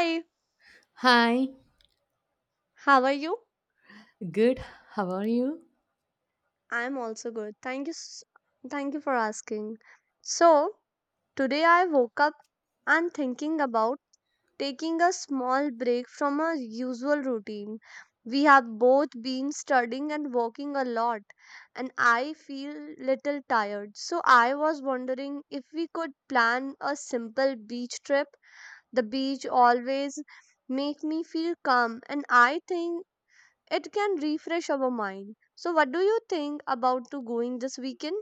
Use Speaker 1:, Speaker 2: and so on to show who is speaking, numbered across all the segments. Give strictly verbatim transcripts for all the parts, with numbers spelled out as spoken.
Speaker 1: Hi,
Speaker 2: Hi,
Speaker 1: how are you?
Speaker 2: good. How are you?
Speaker 1: I'm also good. Thank you. s- Thank you for asking. So, today I woke up and thinking about taking a small break from our usual routine. We have both been studying and working a lot, and I feel little tired. So, I was wondering if we could plan a simple beach trip. The beach always make me feel calm, and I think it can refresh our mind. So what do you think about to going this weekend?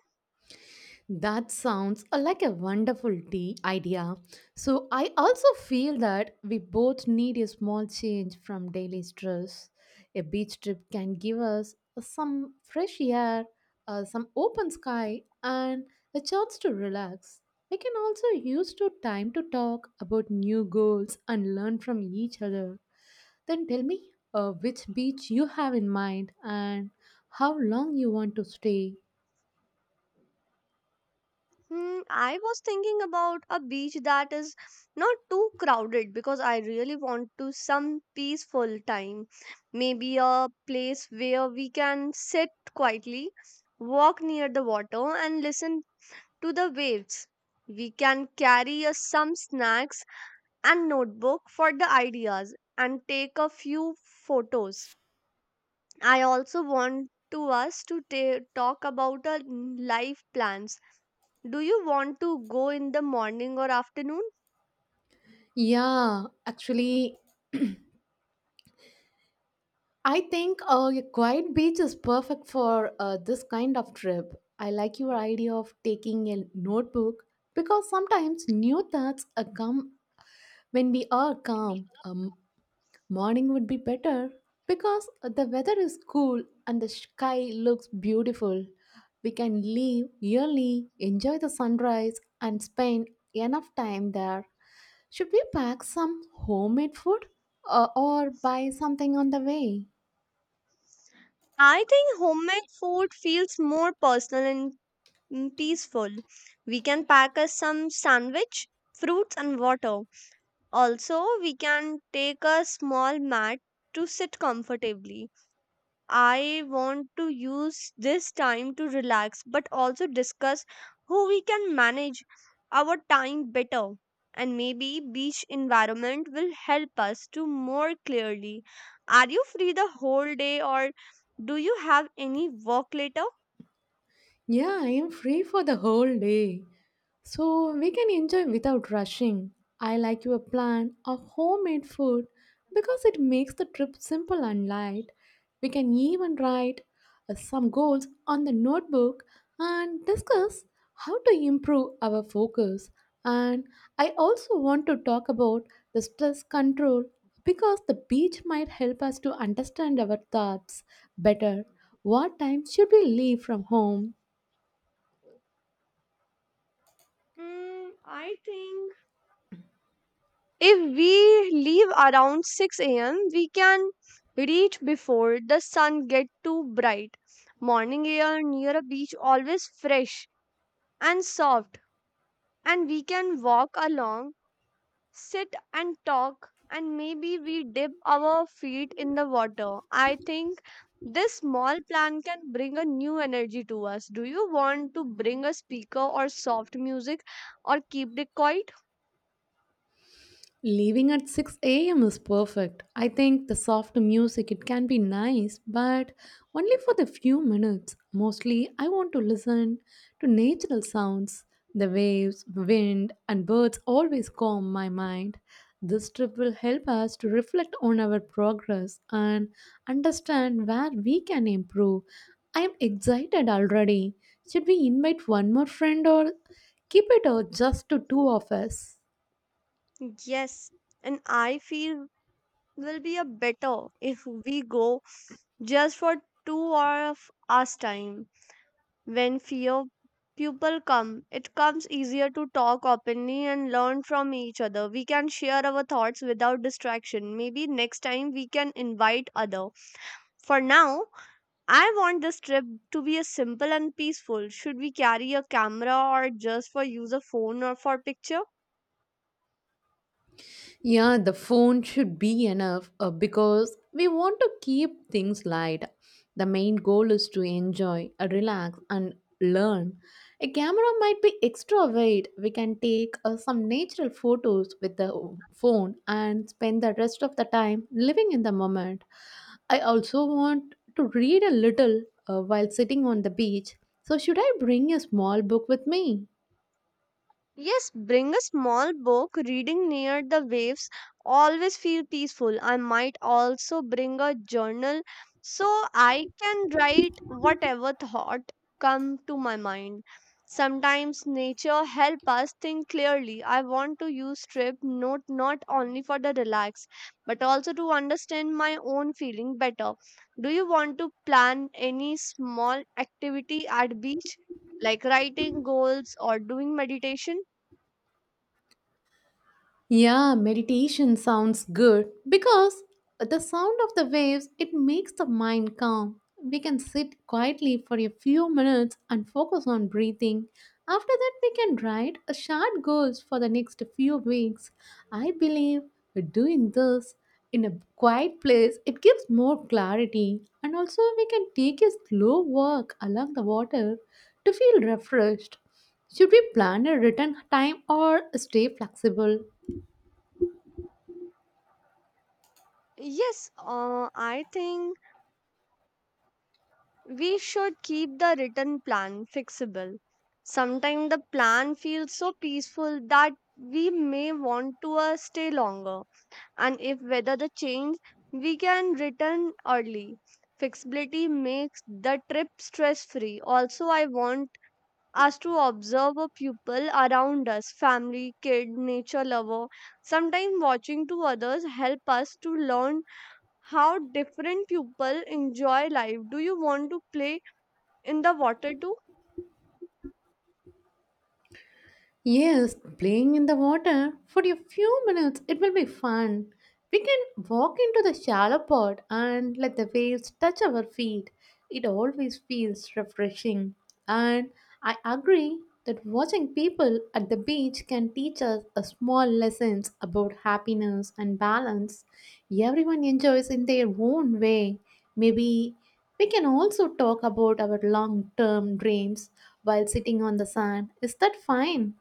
Speaker 2: That sounds uh, like a wonderful tea idea. So I also feel that we both need a small change from daily stress. A beach trip can give us some fresh air, uh, some open sky, and a chance to relax. We can also use to time to talk about new goals and learn from each other. Then tell me uh, which beach you have in mind and how long you want to stay.
Speaker 1: Hmm, I was thinking about a beach that is not too crowded because I really want to some peaceful time. Maybe a place where we can sit quietly, walk near the water and listen to the waves. We can carry us some snacks and notebook for the ideas and take a few photos. I also want to us to ta- talk about our life plans. Do you want to go in the morning or afternoon?
Speaker 2: Yeah, actually, I think uh, a quiet beach is perfect for uh, this kind of trip. I like your idea of taking a notebook because sometimes new thoughts uh, come when we are calm. Um, morning would be better because the weather is cool and the sky looks beautiful. We can leave early, enjoy the sunrise, and spend enough time there. Should we pack some homemade food uh, or buy something on the way?
Speaker 1: I think homemade food feels more personal and mm, peaceful. We can pack us some sandwich, fruits and water. Also, we can take a small mat to sit comfortably. I want to use this time to relax but also discuss how we can manage our time better. And maybe beach environment will help us to more clearly. Are you free the whole day or do you have any work later?
Speaker 2: Yeah, I am free for the whole day. So we can enjoy without rushing. I like your plan of homemade food because it makes the trip simple and light. We can even write uh, some goals on the notebook and discuss how to improve our focus. And I also want to talk about the stress control because the beach might help us to understand our thoughts better. What time should we leave from home?
Speaker 1: Mm, I think if we leave around six a m, we can reach before the sun get too bright. Morning air near a beach always fresh and soft and we can walk along, sit and talk, and maybe we dip our feet in the water. I think this small plan can bring a new energy to us. Do you want to bring a speaker or soft music or keep it quiet?
Speaker 2: Leaving at six a m is perfect. I think the soft music it can be nice, but only for the few minutes. Mostly I want to listen to natural sounds. The waves, wind and birds always calm my mind. This trip will help us to reflect on our progress and understand where we can improve. I am excited already. Should we invite one more friend or keep it out just to two of us?
Speaker 1: Yes, and I feel will be a better if we go just for two hours time. When fewer people come, it comes easier to talk openly and learn from each other. We can share our thoughts without distraction. Maybe next time we can invite other. For now, I want this trip to be a simple and peaceful. Should we carry a camera or just for use a phone or for picture?
Speaker 2: Yeah, the phone should be enough uh, because we want to keep things light. The main goal is to enjoy, uh, relax, and learn. A camera might be extra weight. We can take uh, some natural photos with the phone and spend the rest of the time living in the moment. I also want to read a little uh, while sitting on the beach. So, should I bring a small book with me?
Speaker 1: Yes, bring a small book. Reading near the waves always feel peaceful. I might also bring a journal so I can write whatever thought come to my mind. Sometimes nature help us think clearly. I want to use trip note not only for the relax but also to understand my own feeling better. Do you want to plan any small activity at beach like writing goals or doing meditation?
Speaker 2: Yeah, meditation sounds good because the sound of the waves it makes the mind calm. We can sit quietly for a few minutes and focus on breathing. After that we can write a short goals for the next few weeks. I believe doing this in a quiet place it gives more clarity and also we can take a slow walk along the water to feel refreshed. Should we plan a return time or stay flexible?
Speaker 1: Yes, uh, I think we should keep the written plan fixable. Sometimes the plan feels so peaceful that we may want to uh, stay longer. And if weather the change, we can return early. Flexibility makes the trip stress free. Also, I want us to observe a people around us, family, kid, nature lover. Sometimes watching to others help us to learn how different people enjoy life. Do you want to play in the water too?
Speaker 2: Yes, playing in the water for a few minutes, it will be fun. We can walk into the shallow pond and let the waves touch our feet. It always feels refreshing. And I agree that watching people at the beach can teach us a small lessons about happiness and balance. Everyone enjoys in their own way. Maybe we can also talk about our long-term dreams while sitting on the sand. Is that fine?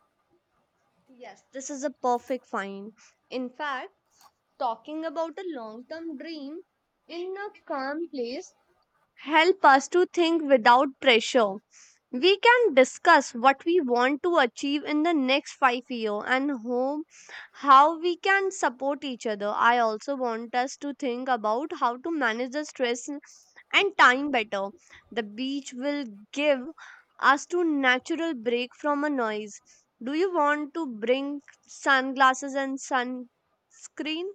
Speaker 1: Yes, this is a perfect find. In fact, talking about a long term dream in a calm place help us to think without pressure. We can discuss what we want to achieve in the next five years and home, how we can support each other. I also want us to think about how to manage the stress and time better. The beach will give us to natural break from a noise. Do you want to bring sunglasses and sunscreen?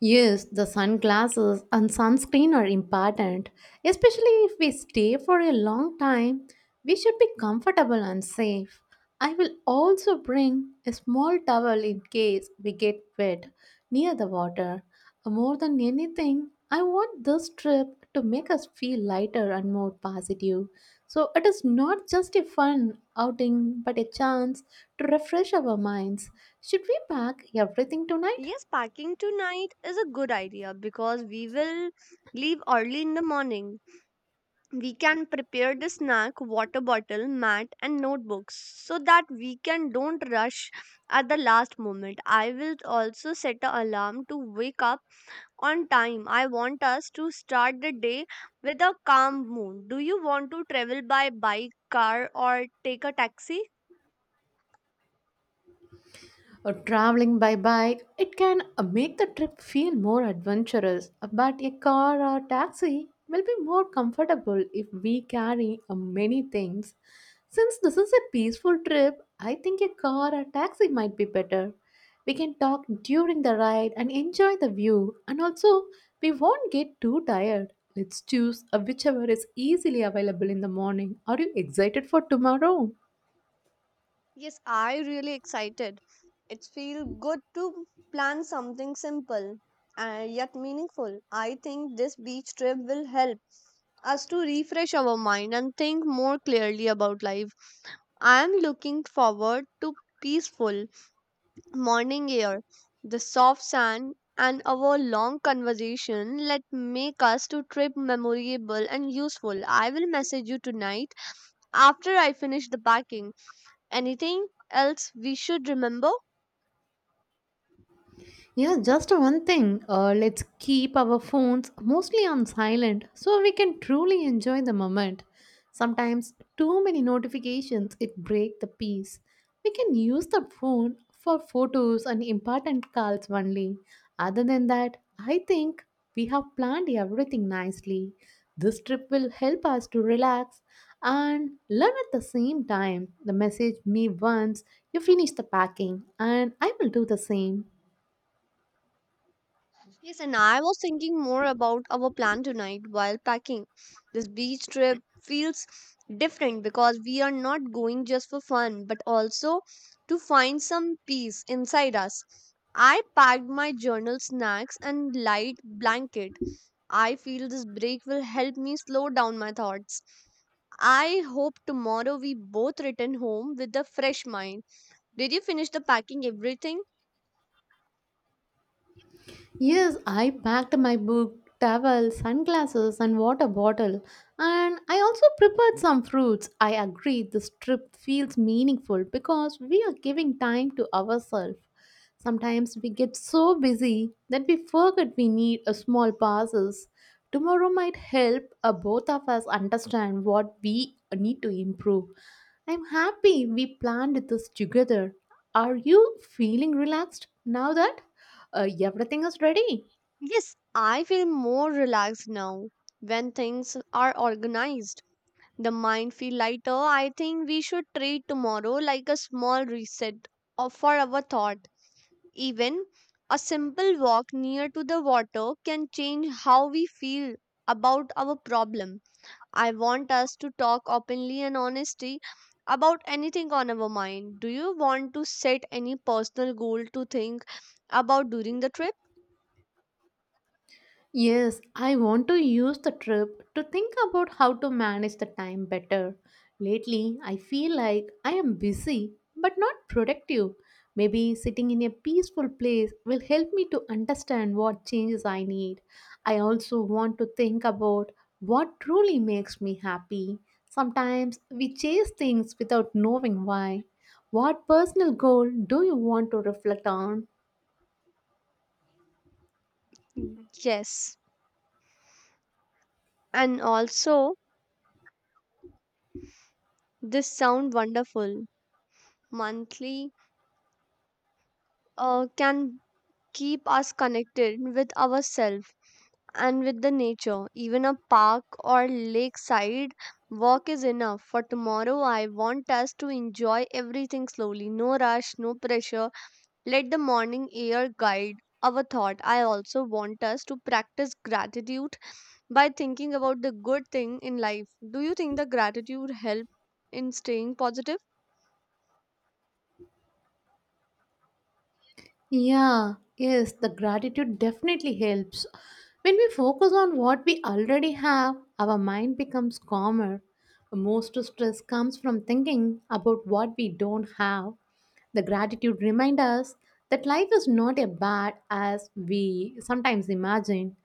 Speaker 2: Yes, the sunglasses and sunscreen are important, especially if we stay for a long time. We should be comfortable and safe. I will also bring a small towel in case we get wet near the water. More than anything, I want this trip to make us feel lighter and more positive. So it is not just a fun outing but a chance to refresh our minds. Should we pack everything tonight?
Speaker 1: Yes, packing tonight is a good idea because we will leave early in the morning. We can prepare the snack, water bottle, mat and notebooks so that we can don't rush at the last moment. I will also set an alarm to wake up on time. I want us to start the day with a calm mood. Do you want to travel by bike, car or take a taxi?
Speaker 2: Or traveling by bike, it can uh, make the trip feel more adventurous. Uh, But a car or taxi will be more comfortable if we carry uh, many things. Since this is a peaceful trip, I think a car or taxi might be better. We can talk during the ride and enjoy the view, and also we won't get too tired. Let's choose uh, whichever is easily available in the morning. Are you excited for tomorrow?
Speaker 1: Yes, I really excited. It feels good to plan something simple and yet meaningful. I think this beach trip will help us to refresh our mind and think more clearly about life. I am looking forward to peaceful morning air, the soft sand, and our long conversation let make us to trip memorable and useful. I will message you tonight after I finish the packing. Anything else we should remember?
Speaker 2: Yeah, just one thing. Uh, let's keep our phones mostly on silent so we can truly enjoy the moment. Sometimes too many notifications it break the peace. We can use the phone for photos and important calls only. Other than that, I think we have planned everything nicely. This trip will help us to relax and learn at the same time. The message me once you finish the packing and I will do the same.
Speaker 1: Yes, and I was thinking more about our plan tonight while packing. This beach trip feels different because we are not going just for fun, but also to find some peace inside us. I packed my journal snacks and light blanket. I feel this break will help me slow down my thoughts. I hope tomorrow we both return home with a fresh mind. Did you finish the packing everything?
Speaker 2: Yes, I packed my book, towel, sunglasses, and water bottle, and I also prepared some fruits. I agree this trip feels meaningful because we are giving time to ourselves. Sometimes we get so busy that we forget we need a small pauses. Tomorrow might help uh, both of us understand what we need to improve. I'm happy we planned this together. Are you feeling relaxed now that? Uh, everything is ready?
Speaker 1: Yes, I feel more relaxed now when things are organized. The mind feel lighter. I think we should treat tomorrow like a small reset of for our thought. Even a simple walk near to the water can change how we feel about our problem. I want us to talk openly and honestly about anything on our mind. Do you want to set any personal goal to think about during the trip?
Speaker 2: Yes, I want to use the trip to think about how to manage the time better. Lately, I feel like I am busy but not productive. Maybe sitting in a peaceful place will help me to understand what changes I need. I also want to think about what truly makes me happy. Sometimes we chase things without knowing why. What personal goal do you want to reflect on?
Speaker 1: Yes, and also this sound wonderful monthly uh, can keep us connected with ourselves and with the nature. Even a park or lakeside walk is enough. For tomorrow I want us to enjoy everything slowly, no rush, no pressure. Let the morning air guide our thought. I also want us to practice gratitude by thinking about the good thing in life. Do you think the gratitude help in staying positive?
Speaker 2: Yeah, yes, the gratitude definitely helps. When we focus on what we already have, our mind becomes calmer. Most stress comes from thinking about what we don't have. The gratitude reminds us that life is not as bad as we sometimes imagine.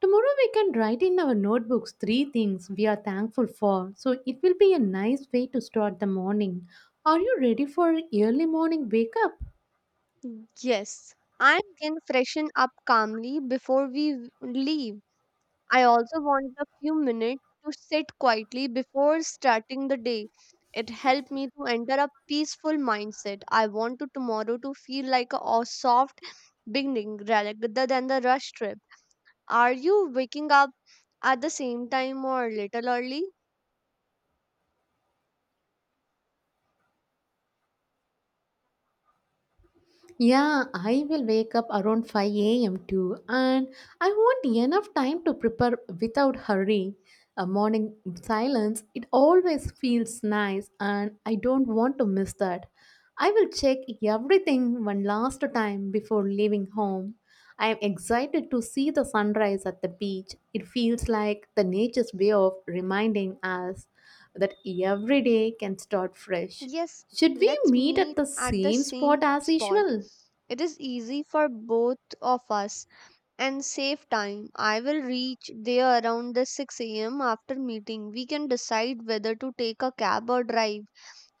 Speaker 2: Tomorrow we can write in our notebooks three things we are thankful for. So it will be a nice way to start the morning. Are you ready for early morning wake up?
Speaker 1: Mm, Yes, and can freshen up calmly before we w- leave. I also want a few minutes to sit quietly before starting the day. It helped me to enter a peaceful mindset. I want to tomorrow to feel like a a soft beginning rather than the rush trip. Are you waking up at the same time or a little early?
Speaker 2: Yeah, I will wake up around five a m too, and I want enough time to prepare without hurry. A morning silence, it always feels nice, and I don't want to miss that. I will check everything one last time before leaving home. I am excited to see the sunrise at the beach. It feels like the nature's way of reminding us that every day can start fresh.
Speaker 1: Yes,
Speaker 2: Should we
Speaker 1: let's
Speaker 2: meet at
Speaker 1: meet
Speaker 2: the
Speaker 1: at the
Speaker 2: same spot
Speaker 1: same
Speaker 2: as
Speaker 1: spot.
Speaker 2: usual?
Speaker 1: It is easy for both of us and save time. I will reach there around the six a m after meeting. We can decide whether to take a cab or drive.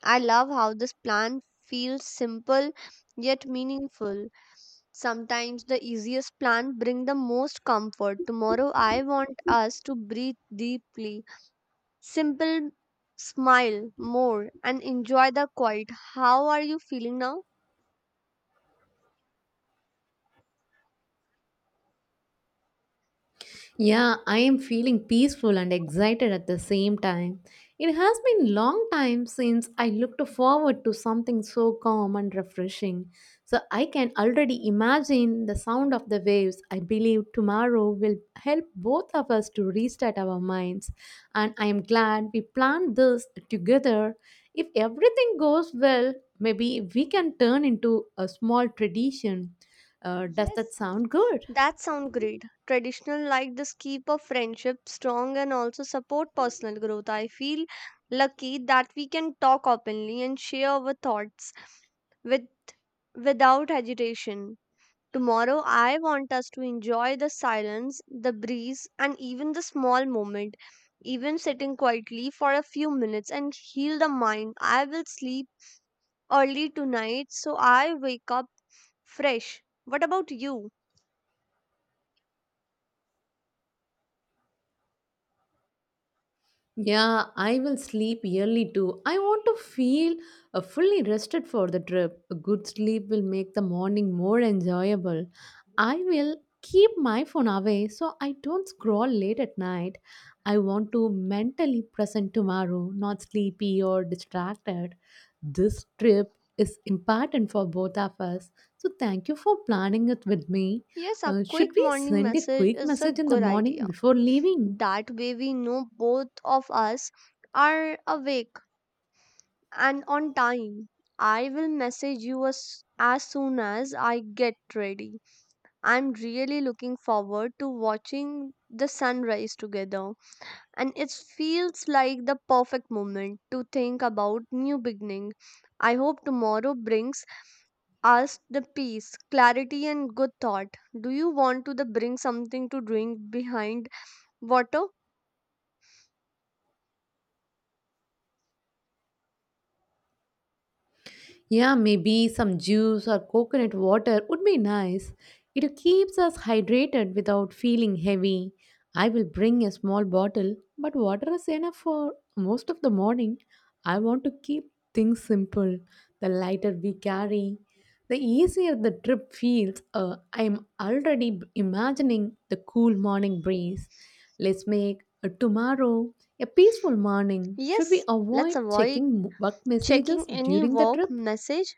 Speaker 1: I love how this plan feels simple yet meaningful. Sometimes the easiest plan bring the most comfort. Tomorrow I want us to breathe deeply. Simple smile more and enjoy the quiet. How are you feeling now?
Speaker 2: Yeah, I am feeling peaceful and excited at the same time. It has been long time since I looked forward to something so calm and refreshing. So I can already imagine the sound of the waves. I believe tomorrow will help both of us to restart our minds. And I am glad we planned this together. If everything goes well, maybe we can turn into a small tradition. Uh, does that
Speaker 1: Yes,
Speaker 2: sound good?
Speaker 1: that sounds great. Traditional like this keep a friendship strong and also support personal growth. I feel lucky that we can talk openly and share our thoughts with without agitation. Tomorrow I want us to enjoy the silence, the breeze and even the small moment. Even sitting quietly for a few minutes and heal the mind. I will sleep early tonight so I wake up fresh. What about you?
Speaker 2: Yeah, I will sleep early too. I want to feel uh, fully rested for the trip. A good sleep will make the morning more enjoyable. I will keep my phone away so I don't scroll late at night. I want to mentally present tomorrow, not sleepy or distracted. This trip is important for both of us. So thank you for planning it with me.
Speaker 1: Yes, a
Speaker 2: Uh, should
Speaker 1: quick
Speaker 2: we
Speaker 1: morning
Speaker 2: send a
Speaker 1: message
Speaker 2: quick
Speaker 1: is a
Speaker 2: message in the
Speaker 1: good
Speaker 2: morning
Speaker 1: idea.
Speaker 2: before leaving?
Speaker 1: That way, we know both of us are awake and on time. I will message you as, as soon as I get ready. I'm really looking forward to watching the sunrise together, and it feels like the perfect moment to think about new beginning. I hope tomorrow brings asked the peace, clarity, and good thought. Do you want to the bring something to drink behind water?
Speaker 2: Yeah, maybe some juice or coconut water would be nice. It keeps us hydrated without feeling heavy. I will bring a small bottle, but water is enough for most of the morning. I want to keep things simple. The lighter we carry, the easier the trip feels. Uh, I am already imagining the cool morning breeze. Let's make a tomorrow a peaceful morning. Should we
Speaker 1: Yes, let's
Speaker 2: avoid
Speaker 1: avoid
Speaker 2: checking work messages
Speaker 1: checking any
Speaker 2: during the
Speaker 1: work
Speaker 2: trip?
Speaker 1: message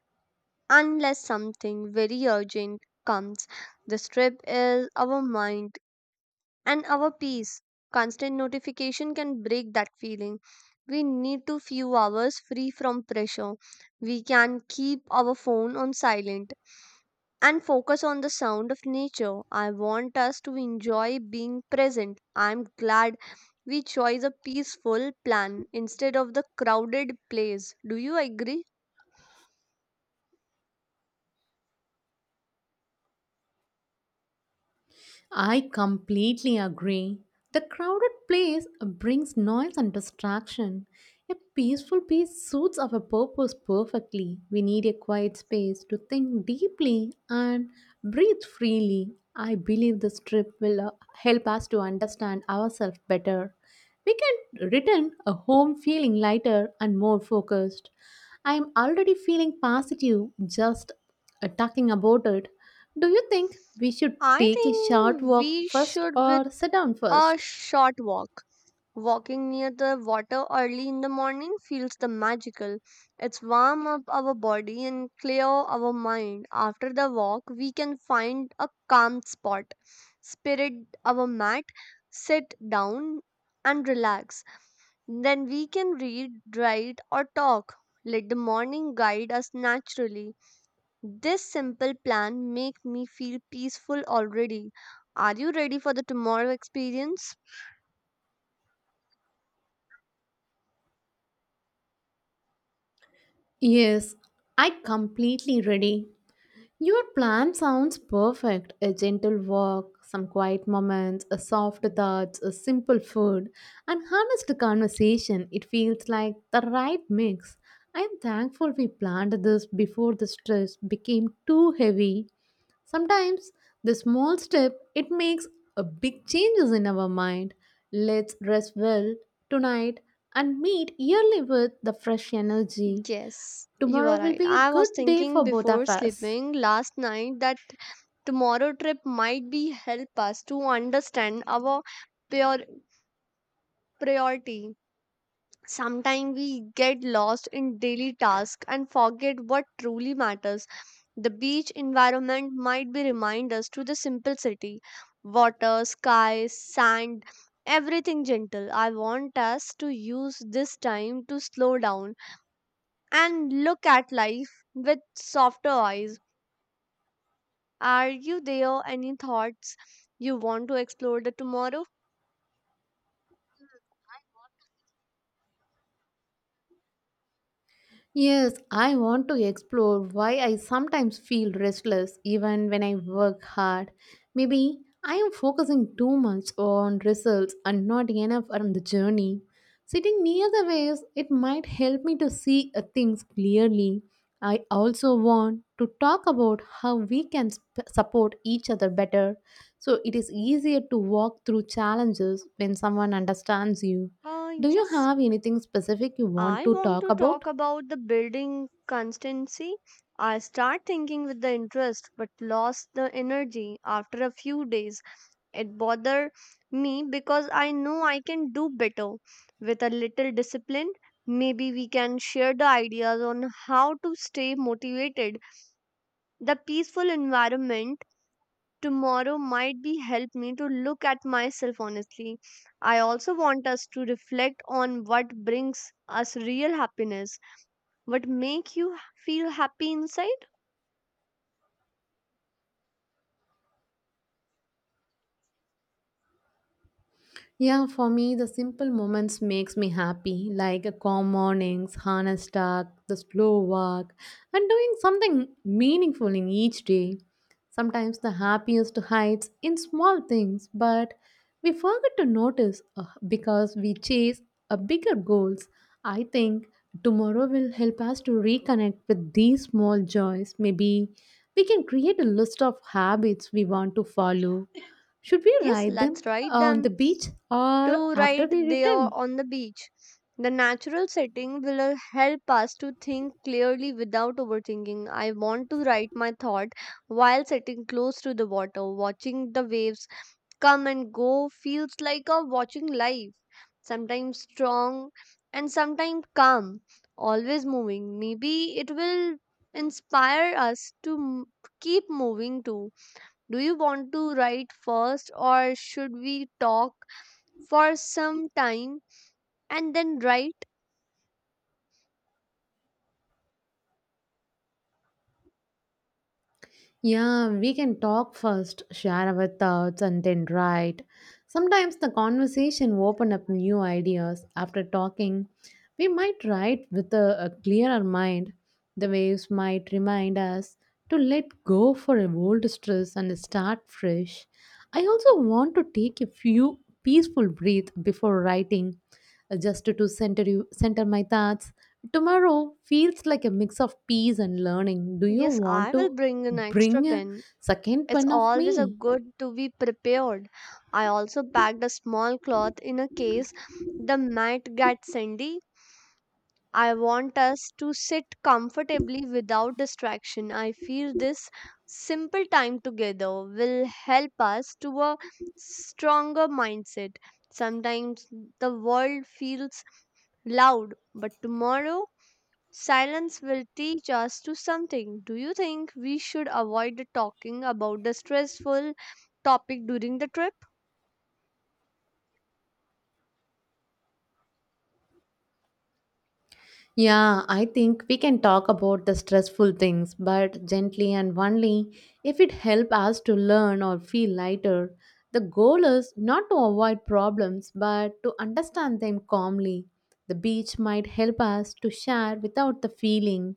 Speaker 1: unless something very urgent comes. The strip is our mind and our peace. Constant notification can break that feeling. We need to few hours free from pressure. We can keep our phone on silent and focus on the sound of nature. I want us to enjoy being present. I'm glad we chose a peaceful plan instead of the crowded place. Do you agree?
Speaker 2: I completely agree. The crowded place brings noise and distraction. A peaceful piece suits our purpose perfectly. We need a quiet space to think deeply and breathe freely. I believe this trip will uh, help us to understand ourselves better. We can return a home feeling lighter and more focused. I am already feeling positive just uh, talking about it. Do you think we should
Speaker 1: I
Speaker 2: take a short
Speaker 1: think we
Speaker 2: walk first
Speaker 1: should with
Speaker 2: or sit down
Speaker 1: a
Speaker 2: first?
Speaker 1: short walk. Walking near the water early in the morning feels the magical. It's warm up our body and clear our mind. After the walk, we can find a calm spot, spread our mat, sit down and relax. Then we can read, write or talk. Let the morning guide us naturally. This simple plan make me feel peaceful already. Are you ready for the tomorrow experience?
Speaker 2: Yes, I completely ready. Your plan sounds perfect. A gentle walk, some quiet moments, a soft touch, a simple food, and honest conversation. It feels like the right mix. I am thankful we planned this before the stress became too heavy. Sometimes the small step it makes a big changes in our mind. Let's rest well tonight and meet early with the fresh energy.
Speaker 1: Yes, you are
Speaker 2: Tomorrow will
Speaker 1: right.
Speaker 2: be a
Speaker 1: I was
Speaker 2: good day for
Speaker 1: thinking
Speaker 2: both
Speaker 1: before
Speaker 2: of us.
Speaker 1: sleeping last night that tomorrow trip might be help us to understand our prior priority. Sometimes we get lost in daily tasks and forget what truly matters. The beach environment might be remind us to the simple city. Water, sky, sand, everything gentle. I want us to use this time to slow down and look at life with softer eyes. Are you there? Any thoughts you want to explore the tomorrow?
Speaker 2: Yes, I want to explore why I sometimes feel restless even when I work hard. Maybe I am focusing too much on results and not enough on the journey. Sitting near the waves, it might help me to see uh, things clearly. I also want to talk about how we can sp- support each other better so it is easier to walk through challenges when someone understands you.
Speaker 1: Uh,
Speaker 2: Do you
Speaker 1: yes,
Speaker 2: have anything specific you want
Speaker 1: I
Speaker 2: to
Speaker 1: want
Speaker 2: talk
Speaker 1: to talk
Speaker 2: about?
Speaker 1: about the building constancy. I start thinking with the interest but lost the energy after a few days. It bothered me because I know I can do better with a little discipline. Maybe we can share the ideas on how to stay motivated. The peaceful environment tomorrow might be help me to look at myself honestly. I also want us to reflect on what brings us real happiness, what make you h- feel happy inside.
Speaker 2: Yeah, for me, the simple moments makes me happy, like a calm mornings, honest talk, the slow walk, and doing something meaningful in each day. Sometimes the happiest hides in small things, but we forget to notice uh, because we chase a bigger goals. I think tomorrow will help us to reconnect with these small joys. Maybe we can create a list of habits we want to follow, should we
Speaker 1: Yes,
Speaker 2: ride
Speaker 1: let's
Speaker 2: them
Speaker 1: write
Speaker 2: on
Speaker 1: them
Speaker 2: the beach or
Speaker 1: to right
Speaker 2: after we
Speaker 1: there
Speaker 2: return?
Speaker 1: on the beach. The natural setting will uh, help us to think clearly without overthinking. I want to write my thought while sitting close to the water, watching the waves come and go feels like a watching life, sometimes strong and sometimes calm, always moving. Maybe it will inspire us to m- keep moving too. Do you want to write first, or should we talk for some time and then write?
Speaker 2: Yeah, we can talk first, share our thoughts, and then write. Sometimes the conversation open up new ideas. After talking, we might write with a, a clearer mind. The waves might remind us to let go for a old stress and start fresh. I also want to take a few peaceful breath before writing, uh, just to center you, center my thoughts. Tomorrow feels like a mix of peace and learning. Do you
Speaker 1: Yes, I
Speaker 2: want
Speaker 1: will
Speaker 2: to
Speaker 1: bring an extra
Speaker 2: bring a
Speaker 1: pen.
Speaker 2: second
Speaker 1: It's
Speaker 2: pun of
Speaker 1: always a
Speaker 2: me.
Speaker 1: good to be prepared. I also packed a small cloth in a case the mat got sandy. I want us to sit comfortably without distraction. I feel this simple time together will help us to a stronger mindset. Sometimes the world feels loud, but tomorrow silence will teach us to something. Do you think we should avoid talking about the stressful topic during the trip?
Speaker 2: Yeah, I think we can talk about the stressful things, but gently and only if it helps us to learn or feel lighter. The goal is not to avoid problems but to understand them calmly. The beach might help us to share without the feeling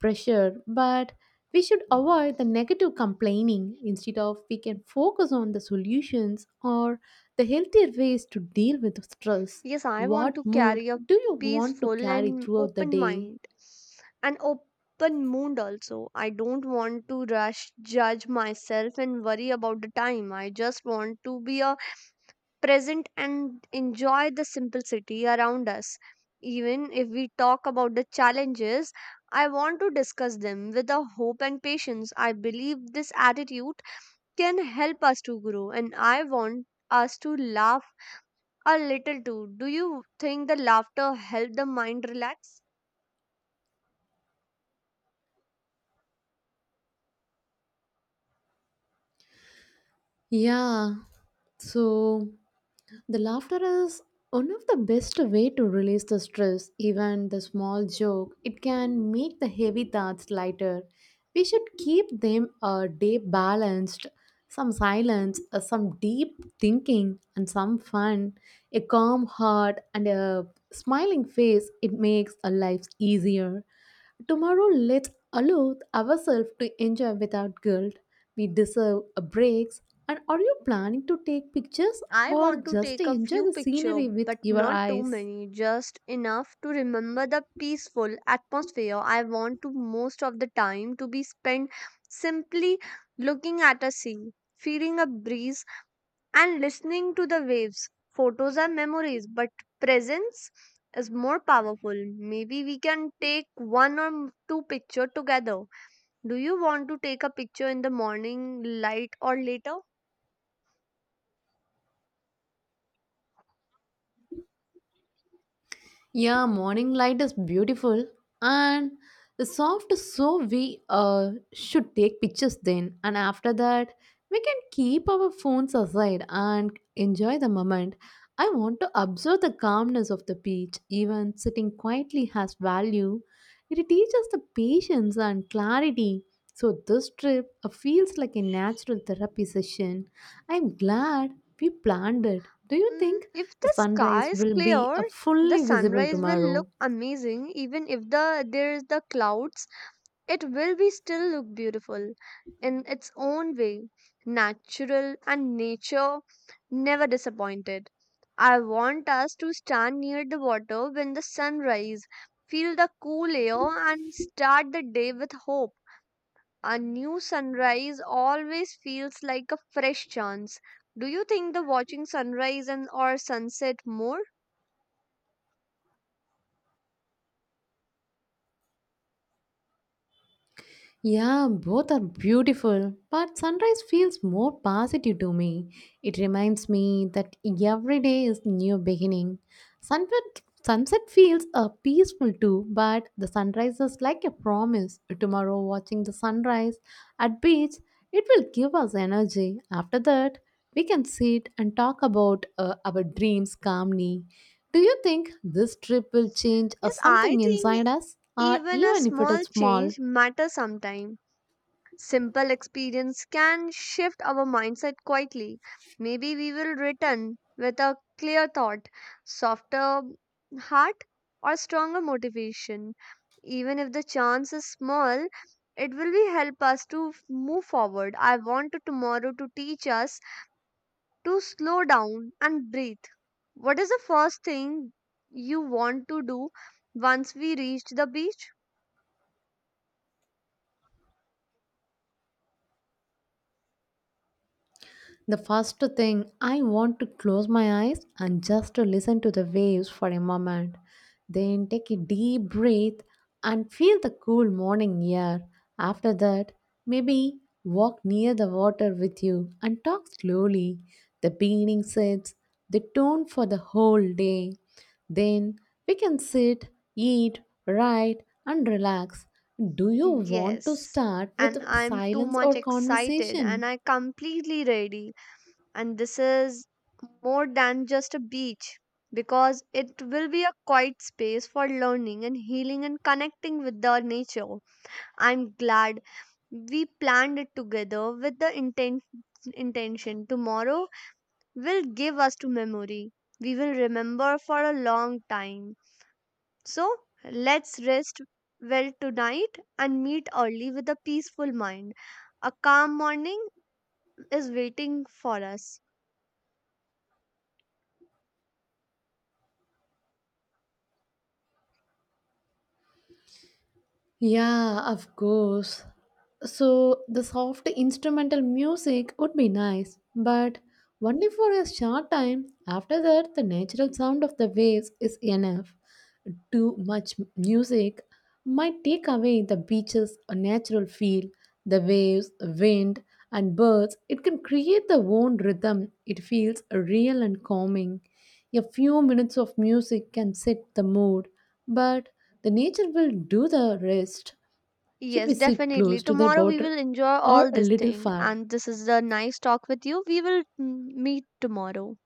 Speaker 2: pressure, but we should avoid the negative complaining. Instead of we can focus on the solutions or the healthier ways to deal with stress.
Speaker 1: Yes, I want to
Speaker 2: What mood
Speaker 1: carry a
Speaker 2: do you want to
Speaker 1: peaceful
Speaker 2: carry
Speaker 1: and
Speaker 2: throughout the
Speaker 1: open
Speaker 2: day?
Speaker 1: mind, an open mood also. I don't want to rush, judge myself, and worry about the time. I just want to be a present and enjoy the simplicity around us. Even if we talk about the challenges, I want to discuss them with a hope and patience. I believe this attitude can help us to grow, and I want us to laugh a little too. Do you think the laughter helped the mind relax?
Speaker 2: Yeah, so the laughter is one of the best way to release the stress. Even the small joke, it can make the heavy thoughts lighter. We should keep them a day balanced. Some silence, uh, some deep thinking, and some fun. A calm heart and a smiling face, it makes a life easier. Tomorrow, let's allow ourselves to enjoy without guilt. We deserve a breaks. And are you planning to take pictures
Speaker 1: I
Speaker 2: or
Speaker 1: want to
Speaker 2: just
Speaker 1: take a
Speaker 2: enjoy
Speaker 1: few
Speaker 2: the
Speaker 1: pictures,
Speaker 2: scenery with
Speaker 1: but
Speaker 2: your
Speaker 1: not too
Speaker 2: eyes?
Speaker 1: many, just enough to remember the peaceful atmosphere. I want to most of the time to be spent simply looking at a sea, feeling a breeze, and listening to the waves. Photos are memories, but presence is more powerful. Maybe we can take one or two pictures together. Do you want to take a picture in the morning light or later?
Speaker 2: Yeah, morning light is beautiful and the soft, so we uh, should take pictures then. And after that, we can keep our phones aside and enjoy the moment. I want to observe the calmness of the beach, even sitting quietly has value. It teaches the patience and clarity. So, this trip uh, feels like a natural therapy session. I'm glad we planned it. Do you
Speaker 1: Mm,
Speaker 2: think
Speaker 1: if
Speaker 2: the
Speaker 1: the sky
Speaker 2: sunrise
Speaker 1: is
Speaker 2: will be
Speaker 1: clear,
Speaker 2: uh,
Speaker 1: the
Speaker 2: fully visible
Speaker 1: sunrise will look
Speaker 2: tomorrow?
Speaker 1: amazing. Even if the there is the clouds, it will be still look beautiful in its own way. Natural and nature never disappointed. I want us to stand near the water when the sun rise, feel the cool air and start the day with hope. A new sunrise always feels like a fresh chance. Do you think the watching sunrise and or sunset more?
Speaker 2: Yeah, both are beautiful, but sunrise feels more positive to me. It reminds me that every day is new beginning. Sunset sunset feels uh, peaceful too, but the sunrise is like a promise. Tomorrow watching the sunrise at beach, it will give us energy. After that, we can sit and talk about uh, our dreams calmly. Do you think this trip will change uh,
Speaker 1: Yes, I
Speaker 2: something
Speaker 1: think
Speaker 2: inside us or
Speaker 1: even a
Speaker 2: even if it
Speaker 1: small
Speaker 2: is small?
Speaker 1: change matters sometimes. Simple experience can shift our mindset quietly. Maybe we will return with a clear thought, softer heart, or stronger motivation. Even if the chance is small, it will be help us to f- move forward. I want to tomorrow to teach us to slow down and breathe. What is the first thing you want to do once we reach the beach?
Speaker 2: The first thing, I want to close my eyes and just to listen to the waves for a moment. Then take a deep breath and feel the cool morning air. After that, maybe walk near the water with you and talk slowly. The beginning sets the tone for the whole day. Then we can sit, eat, write, and relax. Do you want to
Speaker 1: Yes,
Speaker 2: start with
Speaker 1: and I'm too
Speaker 2: silence
Speaker 1: much
Speaker 2: or
Speaker 1: excited and
Speaker 2: conversation?
Speaker 1: I completely ready. And this is more than just a beach because it will be a quiet space for learning and healing and connecting with the nature. I'm glad we planned it together with the inten- intention. Tomorrow will give us to memory. We will remember for a long time. So let's rest well tonight and meet early with a peaceful mind. A calm morning is waiting for us.
Speaker 2: Yeah, of course. So the soft instrumental music would be nice, but only for a short time. After that, the natural sound of the waves is enough. Too much music might take away the beach's natural feel. The waves, wind, and birds, it can create the own rhythm. It feels real and calming. A few minutes of music can set the mood, but the nature will do the rest. Should we
Speaker 1: Yes,
Speaker 2: sit
Speaker 1: definitely.
Speaker 2: close to the
Speaker 1: Tomorrow we
Speaker 2: water
Speaker 1: will enjoy
Speaker 2: or
Speaker 1: all
Speaker 2: a
Speaker 1: this
Speaker 2: little
Speaker 1: thing.
Speaker 2: far?
Speaker 1: And this is a nice talk with you. We will mm, meet tomorrow.